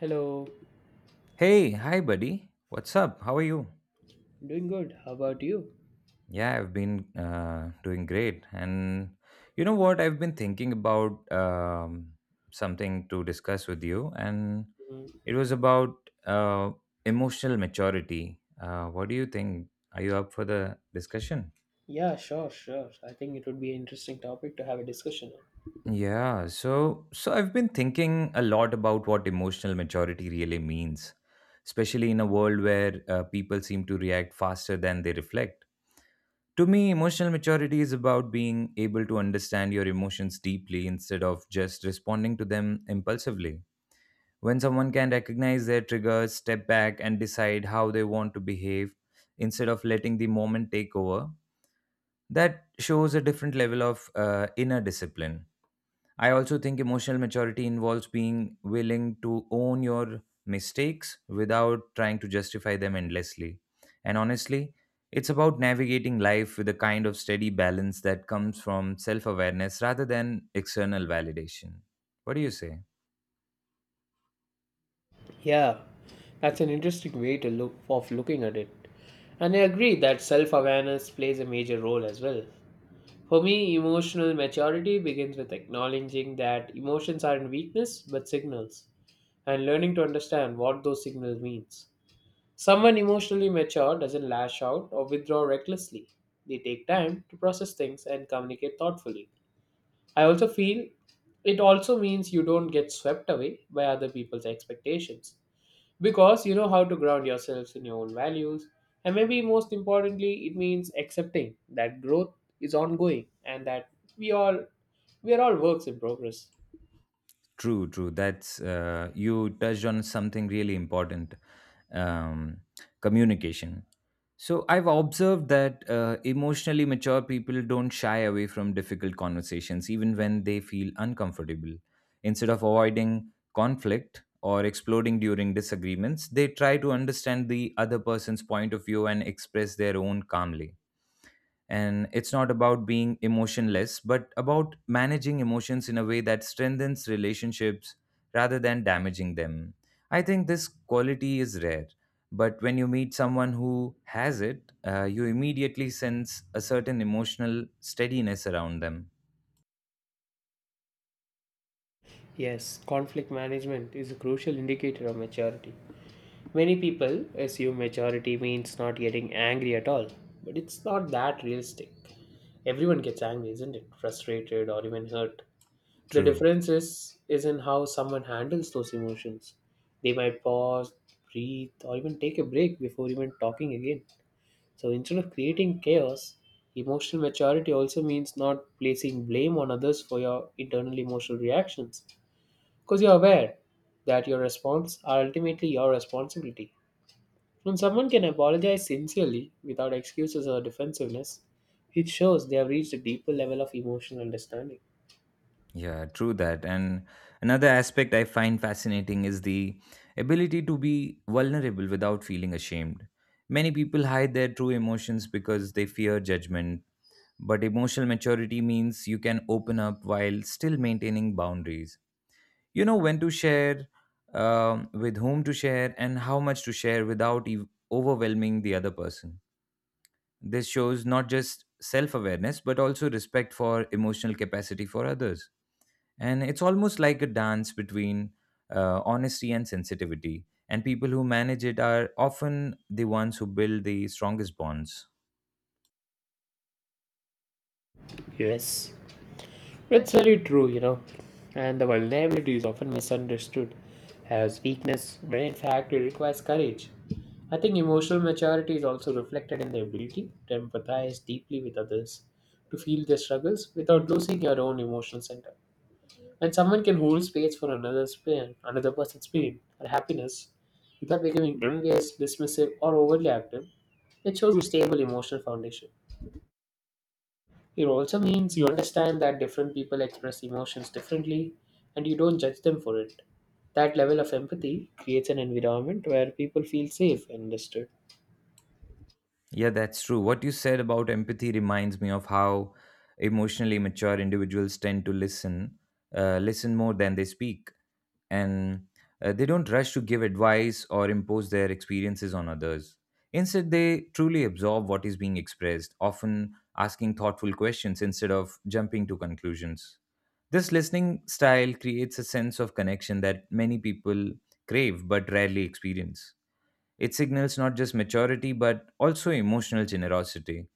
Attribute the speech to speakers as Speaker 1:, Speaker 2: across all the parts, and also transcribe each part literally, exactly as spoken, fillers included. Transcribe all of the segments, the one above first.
Speaker 1: Hello,
Speaker 2: Hey, hi, buddy. What's up? How are you?
Speaker 1: doing good. How about you?
Speaker 2: Yeah, I've been uh, doing great. And you know what? I've been thinking about um, something to discuss with you, and
Speaker 1: Mm,
Speaker 2: it was about uh, emotional maturity. Uh, what do you think? Are you up for the discussion?
Speaker 1: yeah, sure, sure. I think it would be an interesting topic to have a discussion on.
Speaker 2: Yeah, so so I've been thinking a lot about what emotional maturity really means, especially in a world where uh, people seem to react faster than they reflect. To me, emotional maturity is about being able to understand your emotions deeply instead of just responding to them impulsively. When someone can recognize their triggers, step back, and decide how they want to behave instead of letting the moment take over, that shows a different level of uh, inner discipline. I also think emotional maturity involves being willing to own your mistakes without trying to justify them endlessly. And honestly, it's about navigating life with a kind of steady balance that comes from self awareness rather than external validation. What do you say?
Speaker 1: Yeah, that's an interesting way to look of looking at it. And I agree that self-awareness plays a major role as well. For me, emotional maturity begins with acknowledging that emotions aren't weakness but signals, and learning to understand what those signals means. Someone emotionally mature doesn't lash out or withdraw recklessly. They take time to process things and communicate thoughtfully. I also feel it also means you don't get swept away by other people's expectations because you know how to ground yourselves in your own values. And maybe most importantly, it means accepting that growth is ongoing and that we all we are all works in progress.
Speaker 2: True, true. That's uh, you touched on something really important, um, communication. So, I've observed that uh, emotionally mature people don't shy away from difficult conversations, even when they feel uncomfortable. Instead of avoiding conflict or exploding during disagreements, they try to understand the other person's point of view and express their own calmly, and it's not about being emotionless but about managing emotions in a way that strengthens relationships rather than damaging them. I think this quality is rare, but when you meet someone who has it, uh, you immediately sense a certain emotional steadiness around them.
Speaker 1: Yes, conflict management is a crucial indicator of maturity. Many people assume maturity means not getting angry at all, but it's not that realistic. Everyone gets angry, isn't it? Frustrated or even hurt. The
Speaker 2: True.
Speaker 1: difference is, is in how someone handles those emotions. They might pause, breathe, or even take a break before even talking again. So instead of creating chaos, emotional maturity also means not placing blame on others for your internal emotional reactions. Because you're aware that your response are ultimately your responsibility. When someone can apologize sincerely without excuses or defensiveness, it shows they have reached a deeper level of emotional understanding.
Speaker 2: Yeah, true that. And another aspect I find fascinating is the ability to be vulnerable without feeling ashamed. Many people hide their true emotions because they fear judgment. But emotional maturity means you can open up while still maintaining boundaries. You know when to share, um, with whom to share, and how much to share without ev- overwhelming the other person. This shows not just self awareness, but also respect for emotional capacity for others. And it's almost like a dance between uh, honesty and sensitivity. And people who manage it are often the ones who build the strongest bonds.
Speaker 1: Yes, it's very true, you know, and the vulnerability is often misunderstood as weakness when in fact it requires courage. I think emotional maturity is also reflected in the ability to empathize deeply with others, to feel their struggles without losing your own emotional center. When someone can hold space for another's pain, another person's pain or happiness without becoming envious, dismissive, or overly active, it shows a stable emotional foundation. It also means you understand that different people express emotions differently and you don't judge them for it. That level of empathy creates an environment where people feel safe and understood.
Speaker 2: Yeah, that's true. What you said about empathy reminds me of how emotionally mature individuals tend to listen, uh, listen more than they speak, and uh, they don't rush to give advice or impose their experiences on others. Instead, they truly absorb what is being expressed, often asking thoughtful questions instead of jumping to conclusions. This listening style creates a sense of connection that many people crave but rarely experience. It signals not just maturity but also emotional generosity,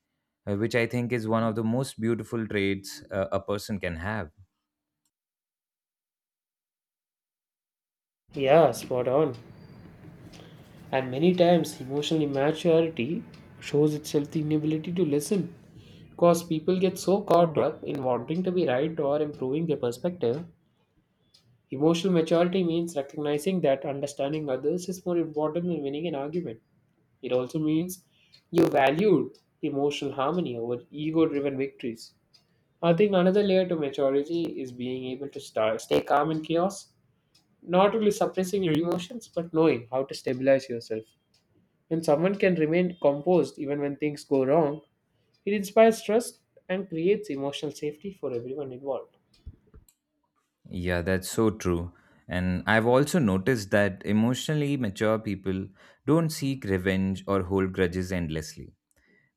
Speaker 2: uh, which I think is one of the most beautiful traits uh, a person can have.
Speaker 1: Yeah, spot on. And many times, emotional immaturity shows itself in inability to listen. Because people get so caught up in wanting to be right or improving their perspective. Emotional maturity means recognizing that understanding others is more important than winning an argument. It also means you valued emotional harmony over ego driven victories. I think another layer to maturity is being able to start, stay calm in chaos, not only suppressing your emotions, but knowing how to stabilize yourself. When someone can remain composed even when things go wrong, it inspires trust and creates emotional safety for everyone involved.
Speaker 2: Yeah, that's so true. And I've also noticed that emotionally mature people don't seek revenge or hold grudges endlessly.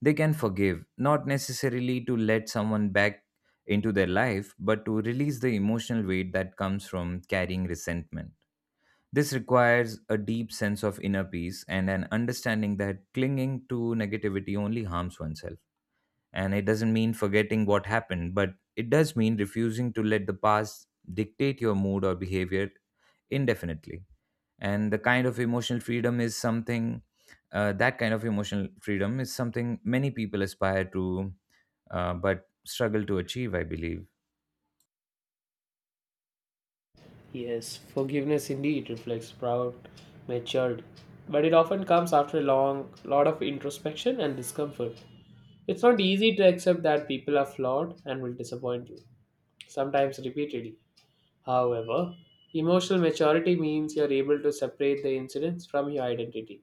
Speaker 2: They can forgive, not necessarily to let someone back into their life, but to release the emotional weight that comes from carrying resentment. This requires a deep sense of inner peace and an understanding that clinging to negativity only harms oneself. And it doesn't mean forgetting what happened, but it does mean refusing to let the past dictate your mood or behavior indefinitely. And the kind of emotional freedom is something, uh, that kind of emotional freedom is something many people aspire to, uh, but struggle to achieve, I believe.
Speaker 1: Yes, forgiveness indeed reflects proud maturity, but it often comes after a long lot of introspection and discomfort. It's not easy to accept that people are flawed and will disappoint you, sometimes repeatedly. However, emotional maturity means you're able to separate the incidents from your identity.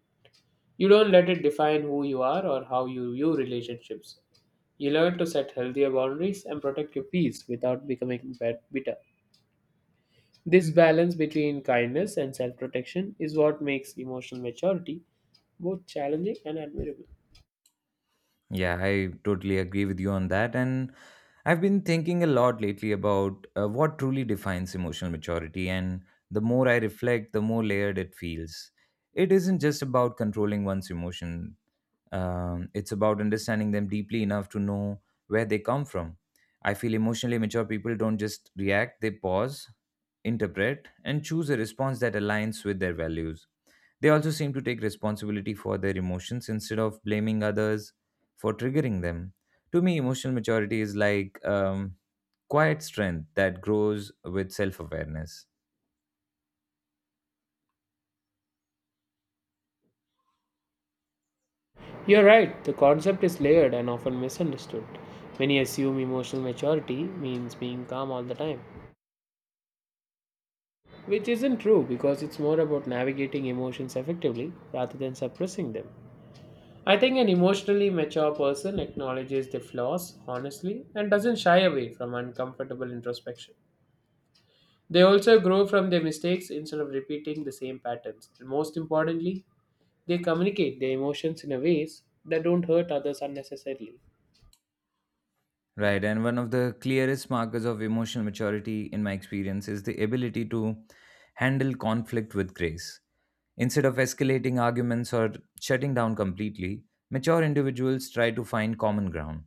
Speaker 1: You don't let it define who you are or how you view relationships. You learn to set healthier boundaries and protect your peace without becoming bad- bitter. This balance between kindness and self protection is what makes emotional maturity both challenging and admirable.
Speaker 2: Yeah, I totally agree with you on that. And I've been thinking a lot lately about uh, what truly defines emotional maturity. And the more I reflect, the more layered it feels. It isn't just about controlling one's emotion, um, it's about understanding them deeply enough to know where they come from. I feel emotionally mature people don't just react, they pause, interpret, and choose a response that aligns with their values. They also seem to take responsibility for their emotions instead of blaming others for triggering them. To me, emotional maturity is like um, quiet strength that grows with self awareness.
Speaker 1: You're right, the concept is layered and often misunderstood. Many assume emotional maturity means being calm all the time, which isn't true because it's more about navigating emotions effectively rather than suppressing them. I think an emotionally mature person acknowledges their flaws honestly and doesn't shy away from uncomfortable introspection. They also grow from their mistakes instead of repeating the same patterns. And most importantly, they communicate their emotions in a ways that don't hurt others unnecessarily.
Speaker 2: Right. And one of the clearest markers of emotional maturity, in my experience, is the ability to handle conflict with grace. Instead of escalating arguments or shutting down completely, mature individuals try to find common ground.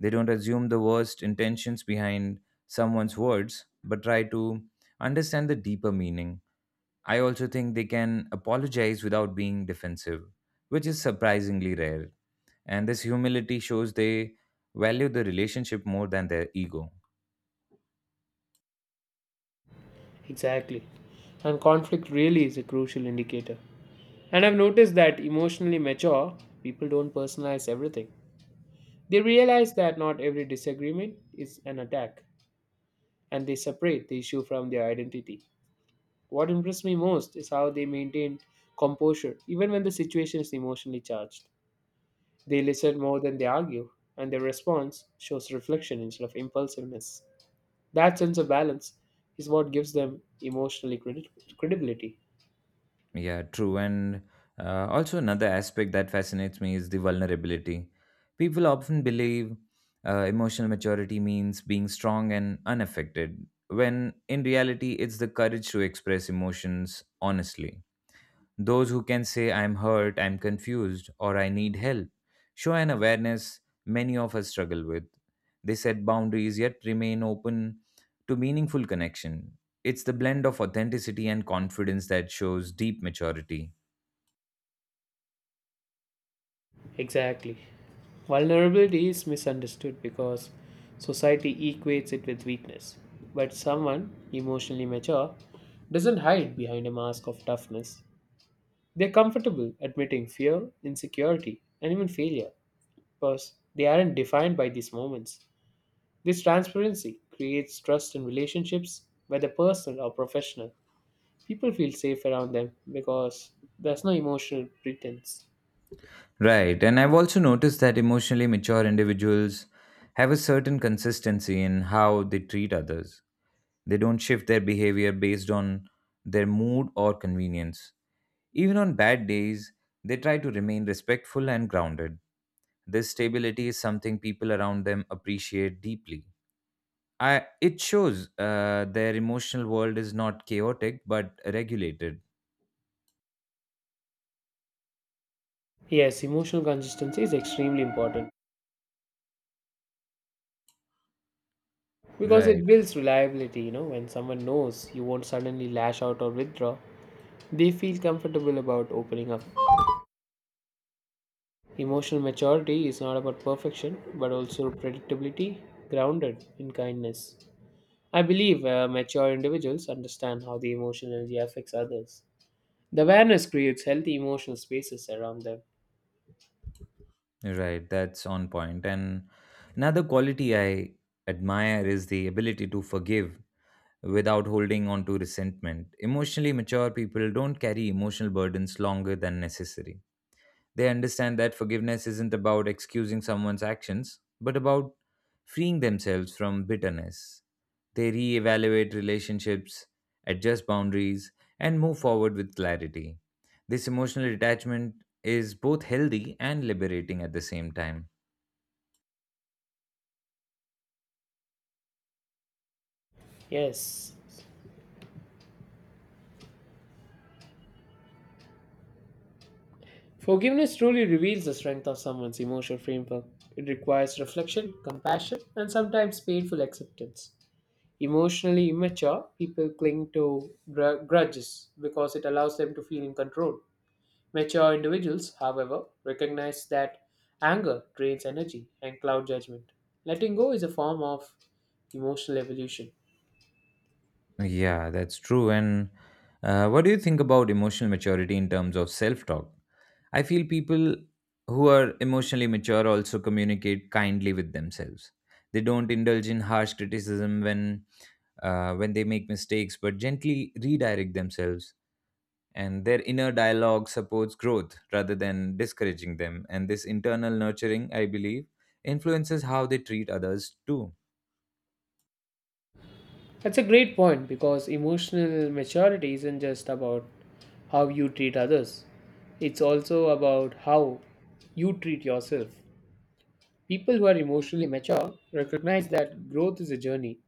Speaker 2: They don't assume the worst intentions behind someone's words, but try to understand the deeper meaning. I also think they can apologize without being defensive, which is surprisingly rare. And this humility shows they value the relationship more than their ego.
Speaker 1: Exactly. And conflict really is a crucial indicator. And I've noticed that emotionally mature people don't personalize everything. They realize that not every disagreement is an attack, and they separate the issue from their identity. What impressed me most is how they maintain composure even when the situation is emotionally charged. They listen more than they argue, and their response shows reflection instead of impulsiveness. That sense of balance is what gives them emotionally credi- credibility.
Speaker 2: Yeah, true. And uh, also, another aspect that fascinates me is the vulnerability. People often believe uh, emotional maturity means being strong and unaffected, when in reality, it's the courage to express emotions honestly. Those who can say, I'm hurt, I'm confused, or I need help, show an awareness many of us struggle with. They set boundaries yet remain open to meaningful connection. It's the blend of authenticity and confidence that shows deep maturity.
Speaker 1: Exactly. Vulnerability is misunderstood because society equates it with weakness. But someone emotionally mature doesn't hide behind a mask of toughness. They're comfortable admitting fear, insecurity, and even failure because they aren't defined by these moments. This transparency creates trust in relationships, whether personal or professional. People feel safe around them because there's no emotional pretense.
Speaker 2: Right, and I've also noticed that emotionally mature individuals have a certain consistency in how they treat others. They don't shift their behavior based on their mood or convenience. Even on bad days, they try to remain respectful and grounded. This stability is something people around them appreciate deeply. I, it shows uh, their emotional world is not chaotic but regulated.
Speaker 1: Yes, emotional consistency is extremely important. Because it
Speaker 2: Right.
Speaker 1: builds reliability, you know, when someone knows you won't suddenly lash out or withdraw, they feel comfortable about opening up. Emotional maturity is not about perfection, but also predictability grounded in kindness. I believe uh, mature individuals understand how the emotional energy affects others. The awareness creates healthy emotional spaces around them.
Speaker 2: Right, that's on point. And another quality I admire is the ability to forgive without holding on to resentment. Emotionally mature people don't carry emotional burdens longer than necessary. They understand that forgiveness isn't about excusing someone's actions, but about freeing themselves from bitterness. They reevaluate relationships, adjust boundaries, and move forward with clarity. This emotional detachment is both healthy and liberating at the same time.
Speaker 1: Yes. Forgiveness truly reveals the strength of someone's emotional framework. It requires reflection, compassion, and sometimes painful acceptance. Emotionally immature people cling to gr- grudges because it allows them to feel in control. Mature individuals, however, recognize that anger drains energy and cloud judgment. Letting go is a form of emotional evolution.
Speaker 2: Yeah, that's true. And uh, what do you think about emotional maturity in terms of self talk? I feel people who are emotionally mature also communicate kindly with themselves. They don't indulge in harsh criticism when uh, when they make mistakes, but gently redirect themselves. And their inner dialogue supports growth rather than discouraging them. And this internal nurturing, I believe, influences how they treat others too.
Speaker 1: That's a great point because emotional maturity isn't just about how you treat others, it's also about how you treat yourself. People who are emotionally mature recognize that growth is a journey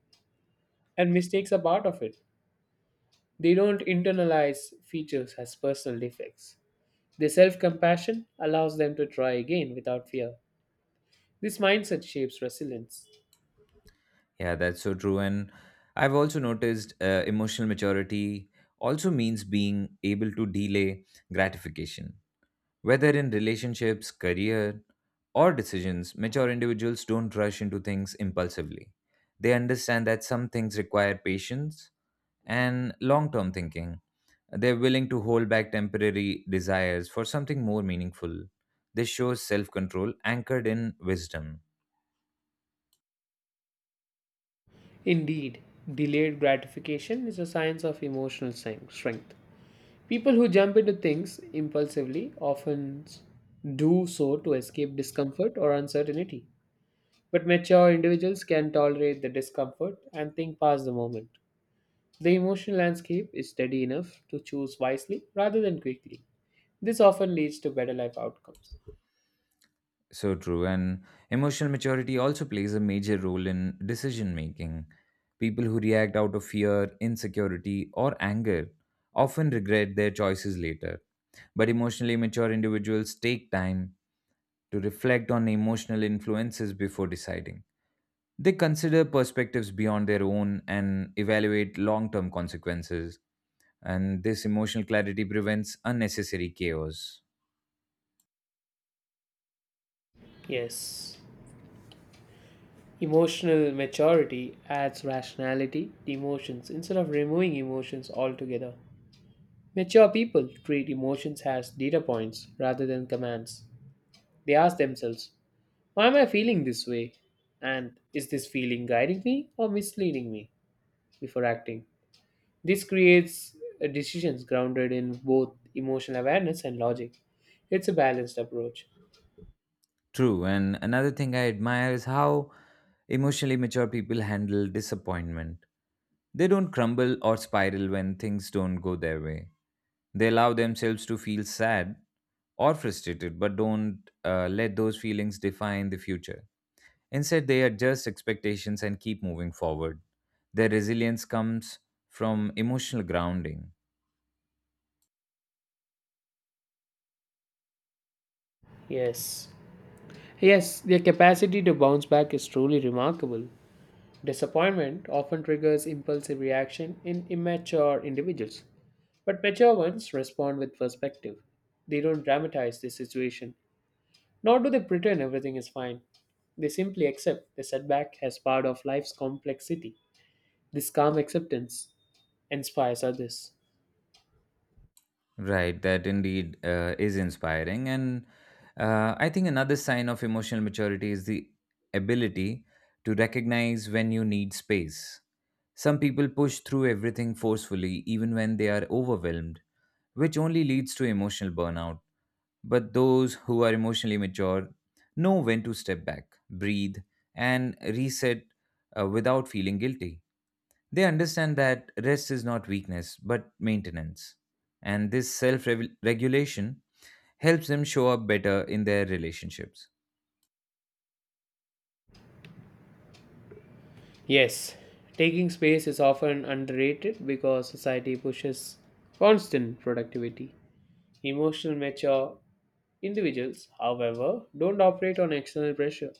Speaker 1: and mistakes are part of it. They don't internalize features as personal defects. Their self compassion allows them to try again without fear. This mindset shapes resilience.
Speaker 2: Yeah, that's so true. And I've also noticed uh, emotional maturity also means being able to delay gratification. Whether in relationships, career, or decisions, mature individuals don't rush into things impulsively. They understand that some things require patience and long term thinking. They're willing to hold back temporary desires for something more meaningful. This shows self control anchored in wisdom.
Speaker 1: Indeed, delayed gratification is a sign of emotional strength. strength. People who jump into things impulsively often s- do so to escape discomfort or uncertainty. But mature individuals can tolerate the discomfort and think past the moment. The emotional landscape is steady enough to choose wisely rather than quickly. This often leads to better life outcomes.
Speaker 2: So true. And emotional maturity also plays a major role in decision making. People who react out of fear, insecurity, or anger often regret their choices later. But emotionally mature individuals take time to reflect on emotional influences before deciding. They consider perspectives beyond their own and evaluate long term consequences. And this emotional clarity prevents unnecessary chaos.
Speaker 1: Yes, emotional maturity adds rationality to emotions instead of removing emotions altogether. Mature people treat emotions as data points rather than commands. They ask themselves, why am I feeling this way? And is this feeling guiding me or misleading me before acting? This creates uh, decisions grounded in both emotional awareness and logic. It's a balanced approach.
Speaker 2: True. And another thing I admire is how emotionally mature people handle disappointment. They don't crumble or spiral when things don't go their way. They allow themselves to feel sad or frustrated, but don't uh, let those feelings define the future. Instead, they adjust expectations and keep moving forward. Their resilience comes from emotional grounding.
Speaker 1: Yes. Yes, their capacity to bounce back is truly remarkable. Disappointment often triggers impulsive reaction in immature individuals, but mature ones respond with perspective. They don't dramatize the situation, nor do they pretend everything is fine. They simply accept the setback as part of life's complexity. This calm acceptance inspires others.
Speaker 2: Right, that indeed uh, is inspiring. And uh, I think another sign of emotional maturity is the ability to recognize when you need space. Some people push through everything forcefully, even when they are overwhelmed, which only leads to emotional burnout. But those who are emotionally mature know when to step back, breathe, and reset uh, without feeling guilty. They understand that rest is not weakness, but maintenance. And this self regulation helps them show up better in their relationships.
Speaker 1: Yes, taking space is often underrated because society pushes constant productivity. Emotional mature individuals, however, don't operate on external pressure.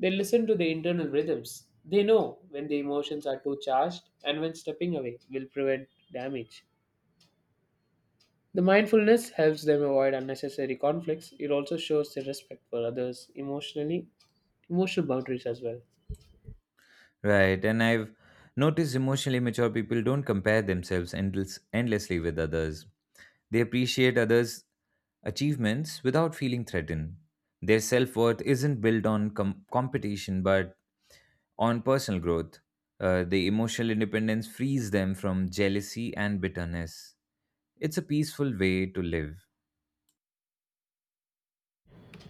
Speaker 1: They listen to their internal rhythms. They know when the emotions are too charged and when stepping away will prevent damage. The mindfulness helps them avoid unnecessary conflicts. It also shows their respect for others emotionally, emotional boundaries as well.
Speaker 2: Right. And I've noticed emotionally mature people don't compare themselves endless, endlessly with others. They appreciate others' achievements without feeling threatened. Their self worth isn't built on com- competition, but on personal growth. Uh, the emotional independence frees them from jealousy and bitterness. It's a peaceful way to live.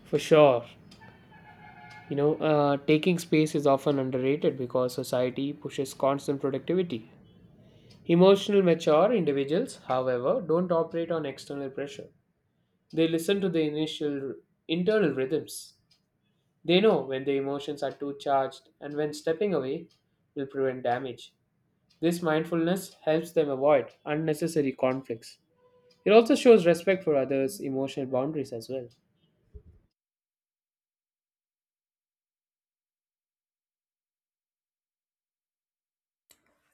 Speaker 1: For sure. You know, uh, taking space is often underrated because society pushes constant productivity. Emotional mature individuals, however, don't operate on external pressure. They listen to the initial internal rhythms. They know when their emotions are too charged and when stepping away will prevent damage. This mindfulness helps them avoid unnecessary conflicts. It also shows respect for others' emotional boundaries as well.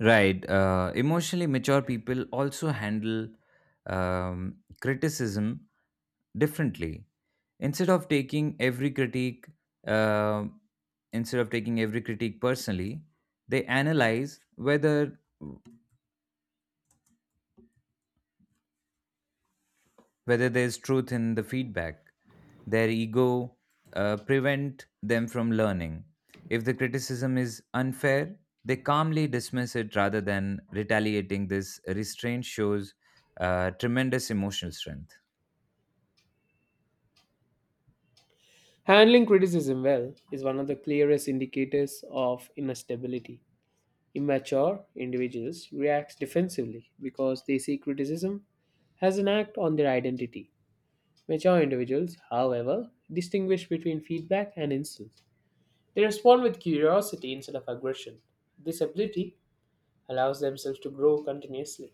Speaker 2: Right. Uh, emotionally mature people also handle um, criticism differently. Instead of taking every critique, uh, Instead of taking every critique personally, they analyze whether whether there's truth in the feedback. Their ego uh, prevent them from learning. If the criticism is unfair, they calmly dismiss it rather than retaliating. This restraint shows uh, tremendous emotional strength.
Speaker 1: Handling criticism well is one of the clearest indicators of inner stability. Immature individuals react defensively because they see criticism as an act on their identity. Mature individuals, however, distinguish between feedback and insult. They respond with curiosity instead of aggression. This ability allows themselves to grow continuously.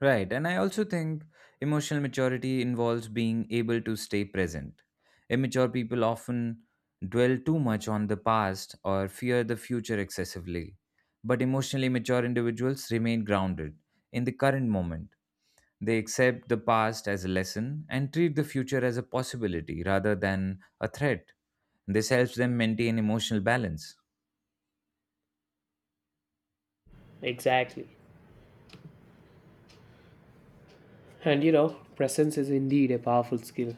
Speaker 2: Right, and I also think emotional maturity involves being able to stay present. Immature people often dwell too much on the past or fear the future excessively. But emotionally mature individuals remain grounded in the current moment. They accept the past as a lesson and treat the future as a possibility rather than a threat. This helps them maintain emotional balance.
Speaker 1: Exactly. And you know, presence is indeed a powerful skill.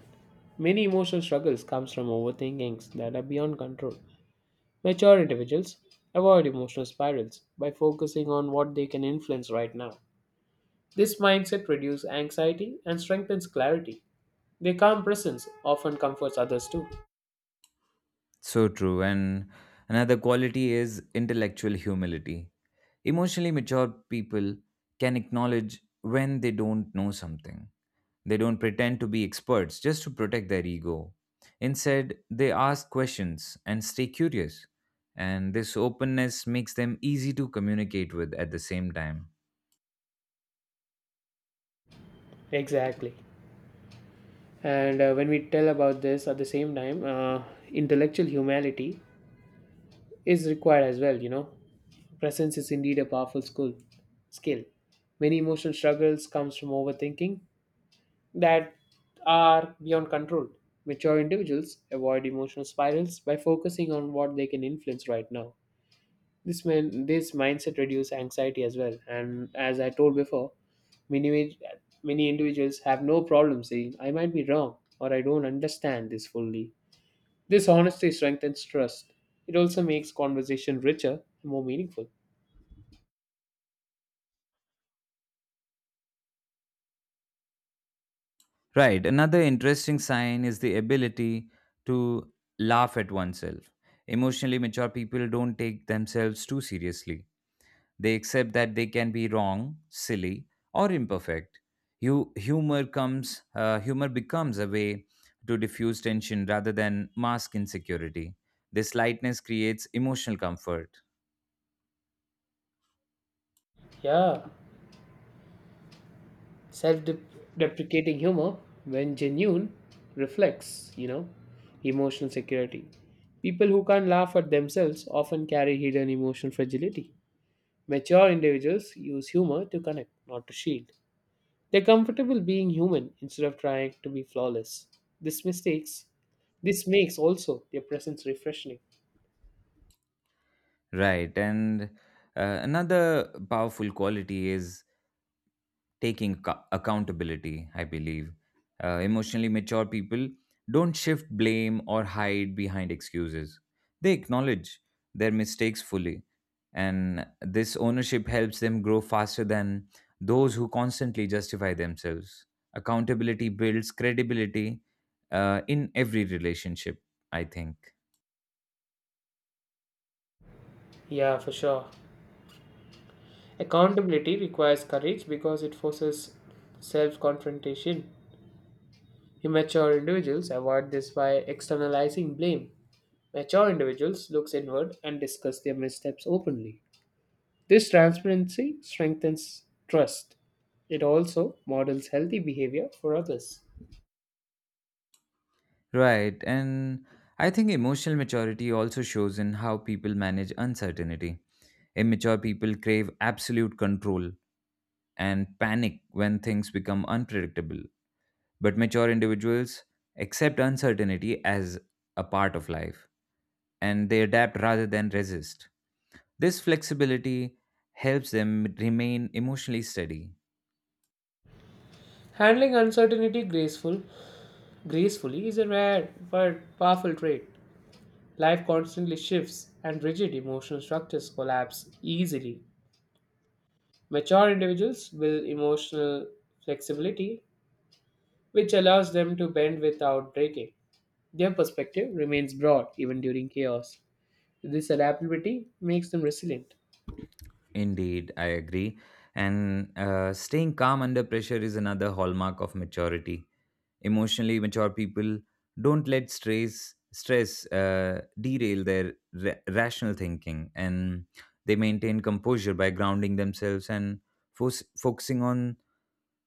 Speaker 1: Many emotional struggles comes from overthinkings that are beyond control. Mature individuals avoid emotional spirals by focusing on what they can influence right now. This mindset reduces anxiety and strengthens clarity. Their calm presence often comforts others too.
Speaker 2: So true. And another quality is intellectual humility. Emotionally mature people can acknowledge when they don't know something. They don't pretend to be experts just to protect their ego. Instead, they ask questions and stay curious. And this openness makes them easy to communicate with at the same time.
Speaker 1: Exactly. And uh, when we tell about this at the same time, uh, intellectual humility is required as well, you know. Presence is indeed a powerful school, skill. Many emotional struggles comes from overthinking that are beyond control. Mature individuals avoid emotional spirals by focusing on what they can influence right now. This man, this mindset reduces anxiety as well. And as I told before, Many, many individuals have no problem saying, I might be wrong or I don't understand this fully. This honesty strengthens trust. It also makes conversation richer and more meaningful.
Speaker 2: Right. Another interesting sign is the ability to laugh at oneself. Emotionally mature people don't take themselves too seriously. They accept that they can be wrong, silly, or imperfect. Hu- humor comes uh, humor becomes a way to diffuse tension rather than mask insecurity. This lightness creates emotional comfort.
Speaker 1: Yeah, self deprecating humor, when genuine, reflects, you know, emotional security. People who can't laugh at themselves often carry hidden emotional fragility. Mature individuals use humor to connect, not to shield. They're comfortable being human instead of trying to be flawless. This mistakes this makes also their presence refreshing.
Speaker 2: Right, and uh, another powerful quality is taking acco- accountability, I believe. Uh, emotionally mature people don't shift blame or hide behind excuses. They acknowledge their mistakes fully, and this ownership helps them grow faster than those who constantly justify themselves. Accountability builds credibility uh, in every relationship, I think.
Speaker 1: Yeah, for sure. Accountability requires courage because it forces self confrontation. Immature individuals avoid this by externalizing blame. Mature individuals look inward and discuss their missteps openly. This transparency strengthens trust. It also models healthy behavior for others.
Speaker 2: Right, and I think emotional maturity also shows in how people manage uncertainty. Immature people crave absolute control and panic when things become unpredictable, but mature individuals accept uncertainty as a part of life and they adapt rather than resist. This flexibility helps them remain emotionally steady.
Speaker 1: Handling uncertainty graceful gracefully is a rare but powerful trait. Life constantly shifts and rigid emotional structures collapse easily. Mature individuals build emotional flexibility, which allows them to bend without breaking. Their perspective remains broad even during chaos. This adaptability makes them resilient.
Speaker 2: Indeed, I agree. And uh, staying calm under pressure is another hallmark of maturity. Emotionally mature people don't let stress stress uh, derail their ra- rational thinking, and they maintain composure by grounding themselves and fo- focusing on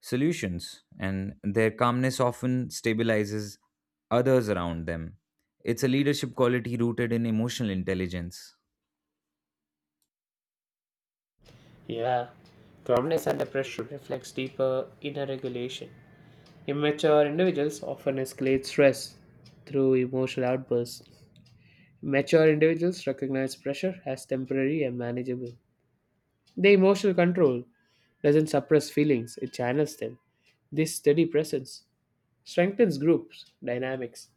Speaker 2: solutions. And their calmness often stabilizes others around them. It's a leadership quality rooted in emotional intelligence.
Speaker 1: Yeah. Calmness under pressure reflects deeper inner regulation. Immature individuals often escalate stress through emotional outbursts. Mature individuals recognize pressure as temporary and manageable. The emotional control doesn't suppress feelings, it channels them. This steady presence strengthens groups dynamics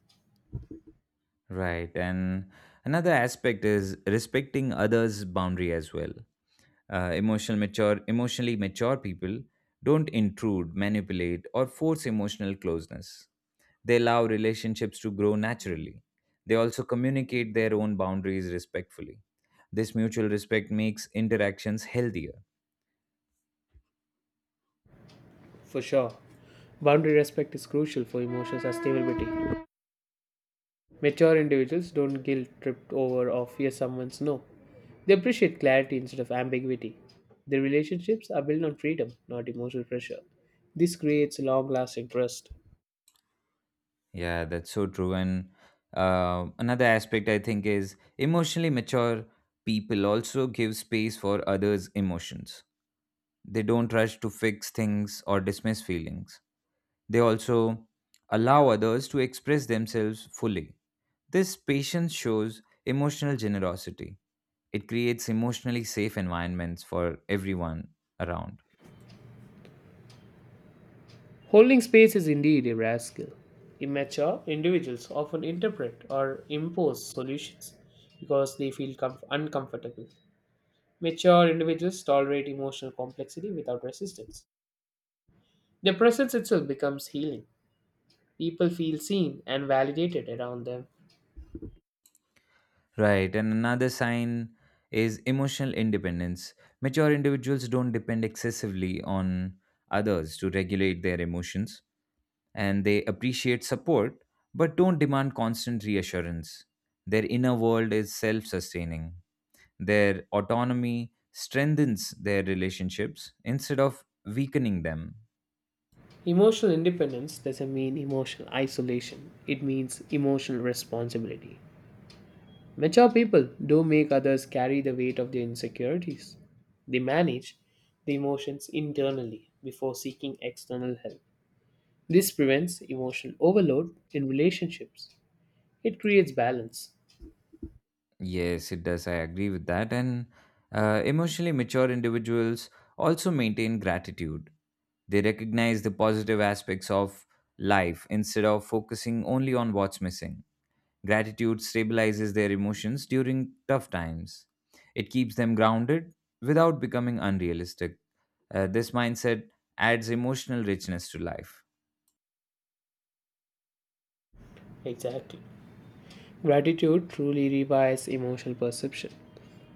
Speaker 2: Right. And another aspect is respecting others' boundary as well. uh, emotional mature emotionally mature people don't intrude, manipulate, or force emotional closeness. They allow relationships to grow naturally. They also communicate their own boundaries respectfully. This mutual respect makes interactions healthier.
Speaker 1: for sure. Boundary respect is crucial for emotional sustainability. Mature individuals don't guilt tripped over or fear someone's no. They appreciate clarity instead of ambiguity. Their relationships are built on freedom, not emotional pressure. This creates long lasting trust.
Speaker 2: Yeah, that's so true. And uh, another aspect I think is emotionally mature people also give space for others emotions. They don't rush to fix things or dismiss feelings. They also allow others to express themselves fully. This patience shows emotional generosity. It creates emotionally safe environments for everyone around.
Speaker 1: Holding space is indeed a rare skill. Immature individuals often interpret or impose solutions because they feel comf- uncomfortable. Mature individuals tolerate emotional complexity without resistance. Their presence itself becomes healing. People feel seen and validated around them.
Speaker 2: Right, and another sign is emotional independence. Mature individuals don't depend excessively on others to regulate their emotions, and they appreciate support but don't demand constant reassurance. Their inner world is self sustaining. Their autonomy strengthens their relationships instead of weakening them.
Speaker 1: Emotional independence doesn't mean emotional isolation, it means emotional responsibility. Mature people do make others carry the weight of their insecurities. They manage the emotions internally before seeking external help. This prevents emotional overload in relationships. It creates balance.
Speaker 2: Yes, it does. I agree with that. And uh, emotionally mature individuals also maintain gratitude. They recognize the positive aspects of life instead of focusing only on what's missing. Gratitude stabilizes their emotions during tough times. It keeps them grounded without becoming unrealistic. Uh, this mindset adds emotional richness to life.
Speaker 1: Exactly. Gratitude truly rewires emotional perception.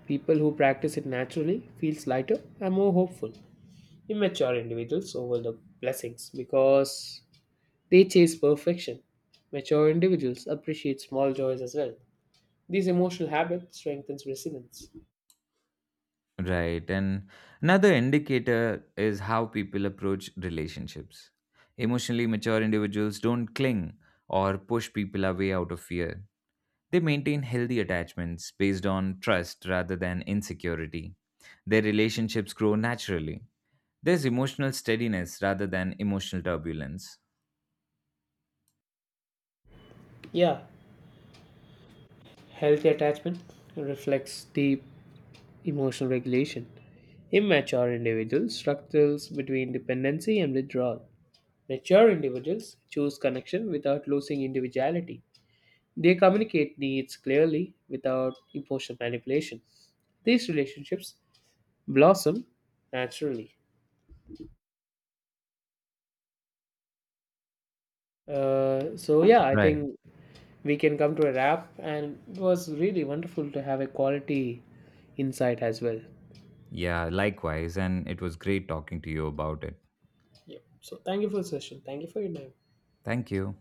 Speaker 1: People who practice it naturally feels lighter and more hopeful. Immature individuals overlook blessings because they chase perfection. Mature individuals appreciate small joys as well. These emotional habits strengthens resilience.
Speaker 2: Right. And another indicator is how people approach relationships. Emotionally mature individuals don't cling or push people away out of fear. They maintain healthy attachments based on trust rather than insecurity. Their relationships grow naturally. There's emotional steadiness rather than emotional turbulence.
Speaker 1: Yeah, healthy attachment reflects deep emotional regulation. Immature individuals struggles between dependency and withdrawal. Mature individuals choose connection without losing individuality. They communicate needs clearly without emotional manipulation. These relationships blossom naturally. Uh, so yeah, I
Speaker 2: Right.
Speaker 1: think we can come to a wrap, and it was really wonderful to have a quality insight as well.
Speaker 2: Yeah, likewise. And it was great talking to you about it.
Speaker 1: Yep. So, thank you for the session. Thank you for your time.
Speaker 2: Thank you.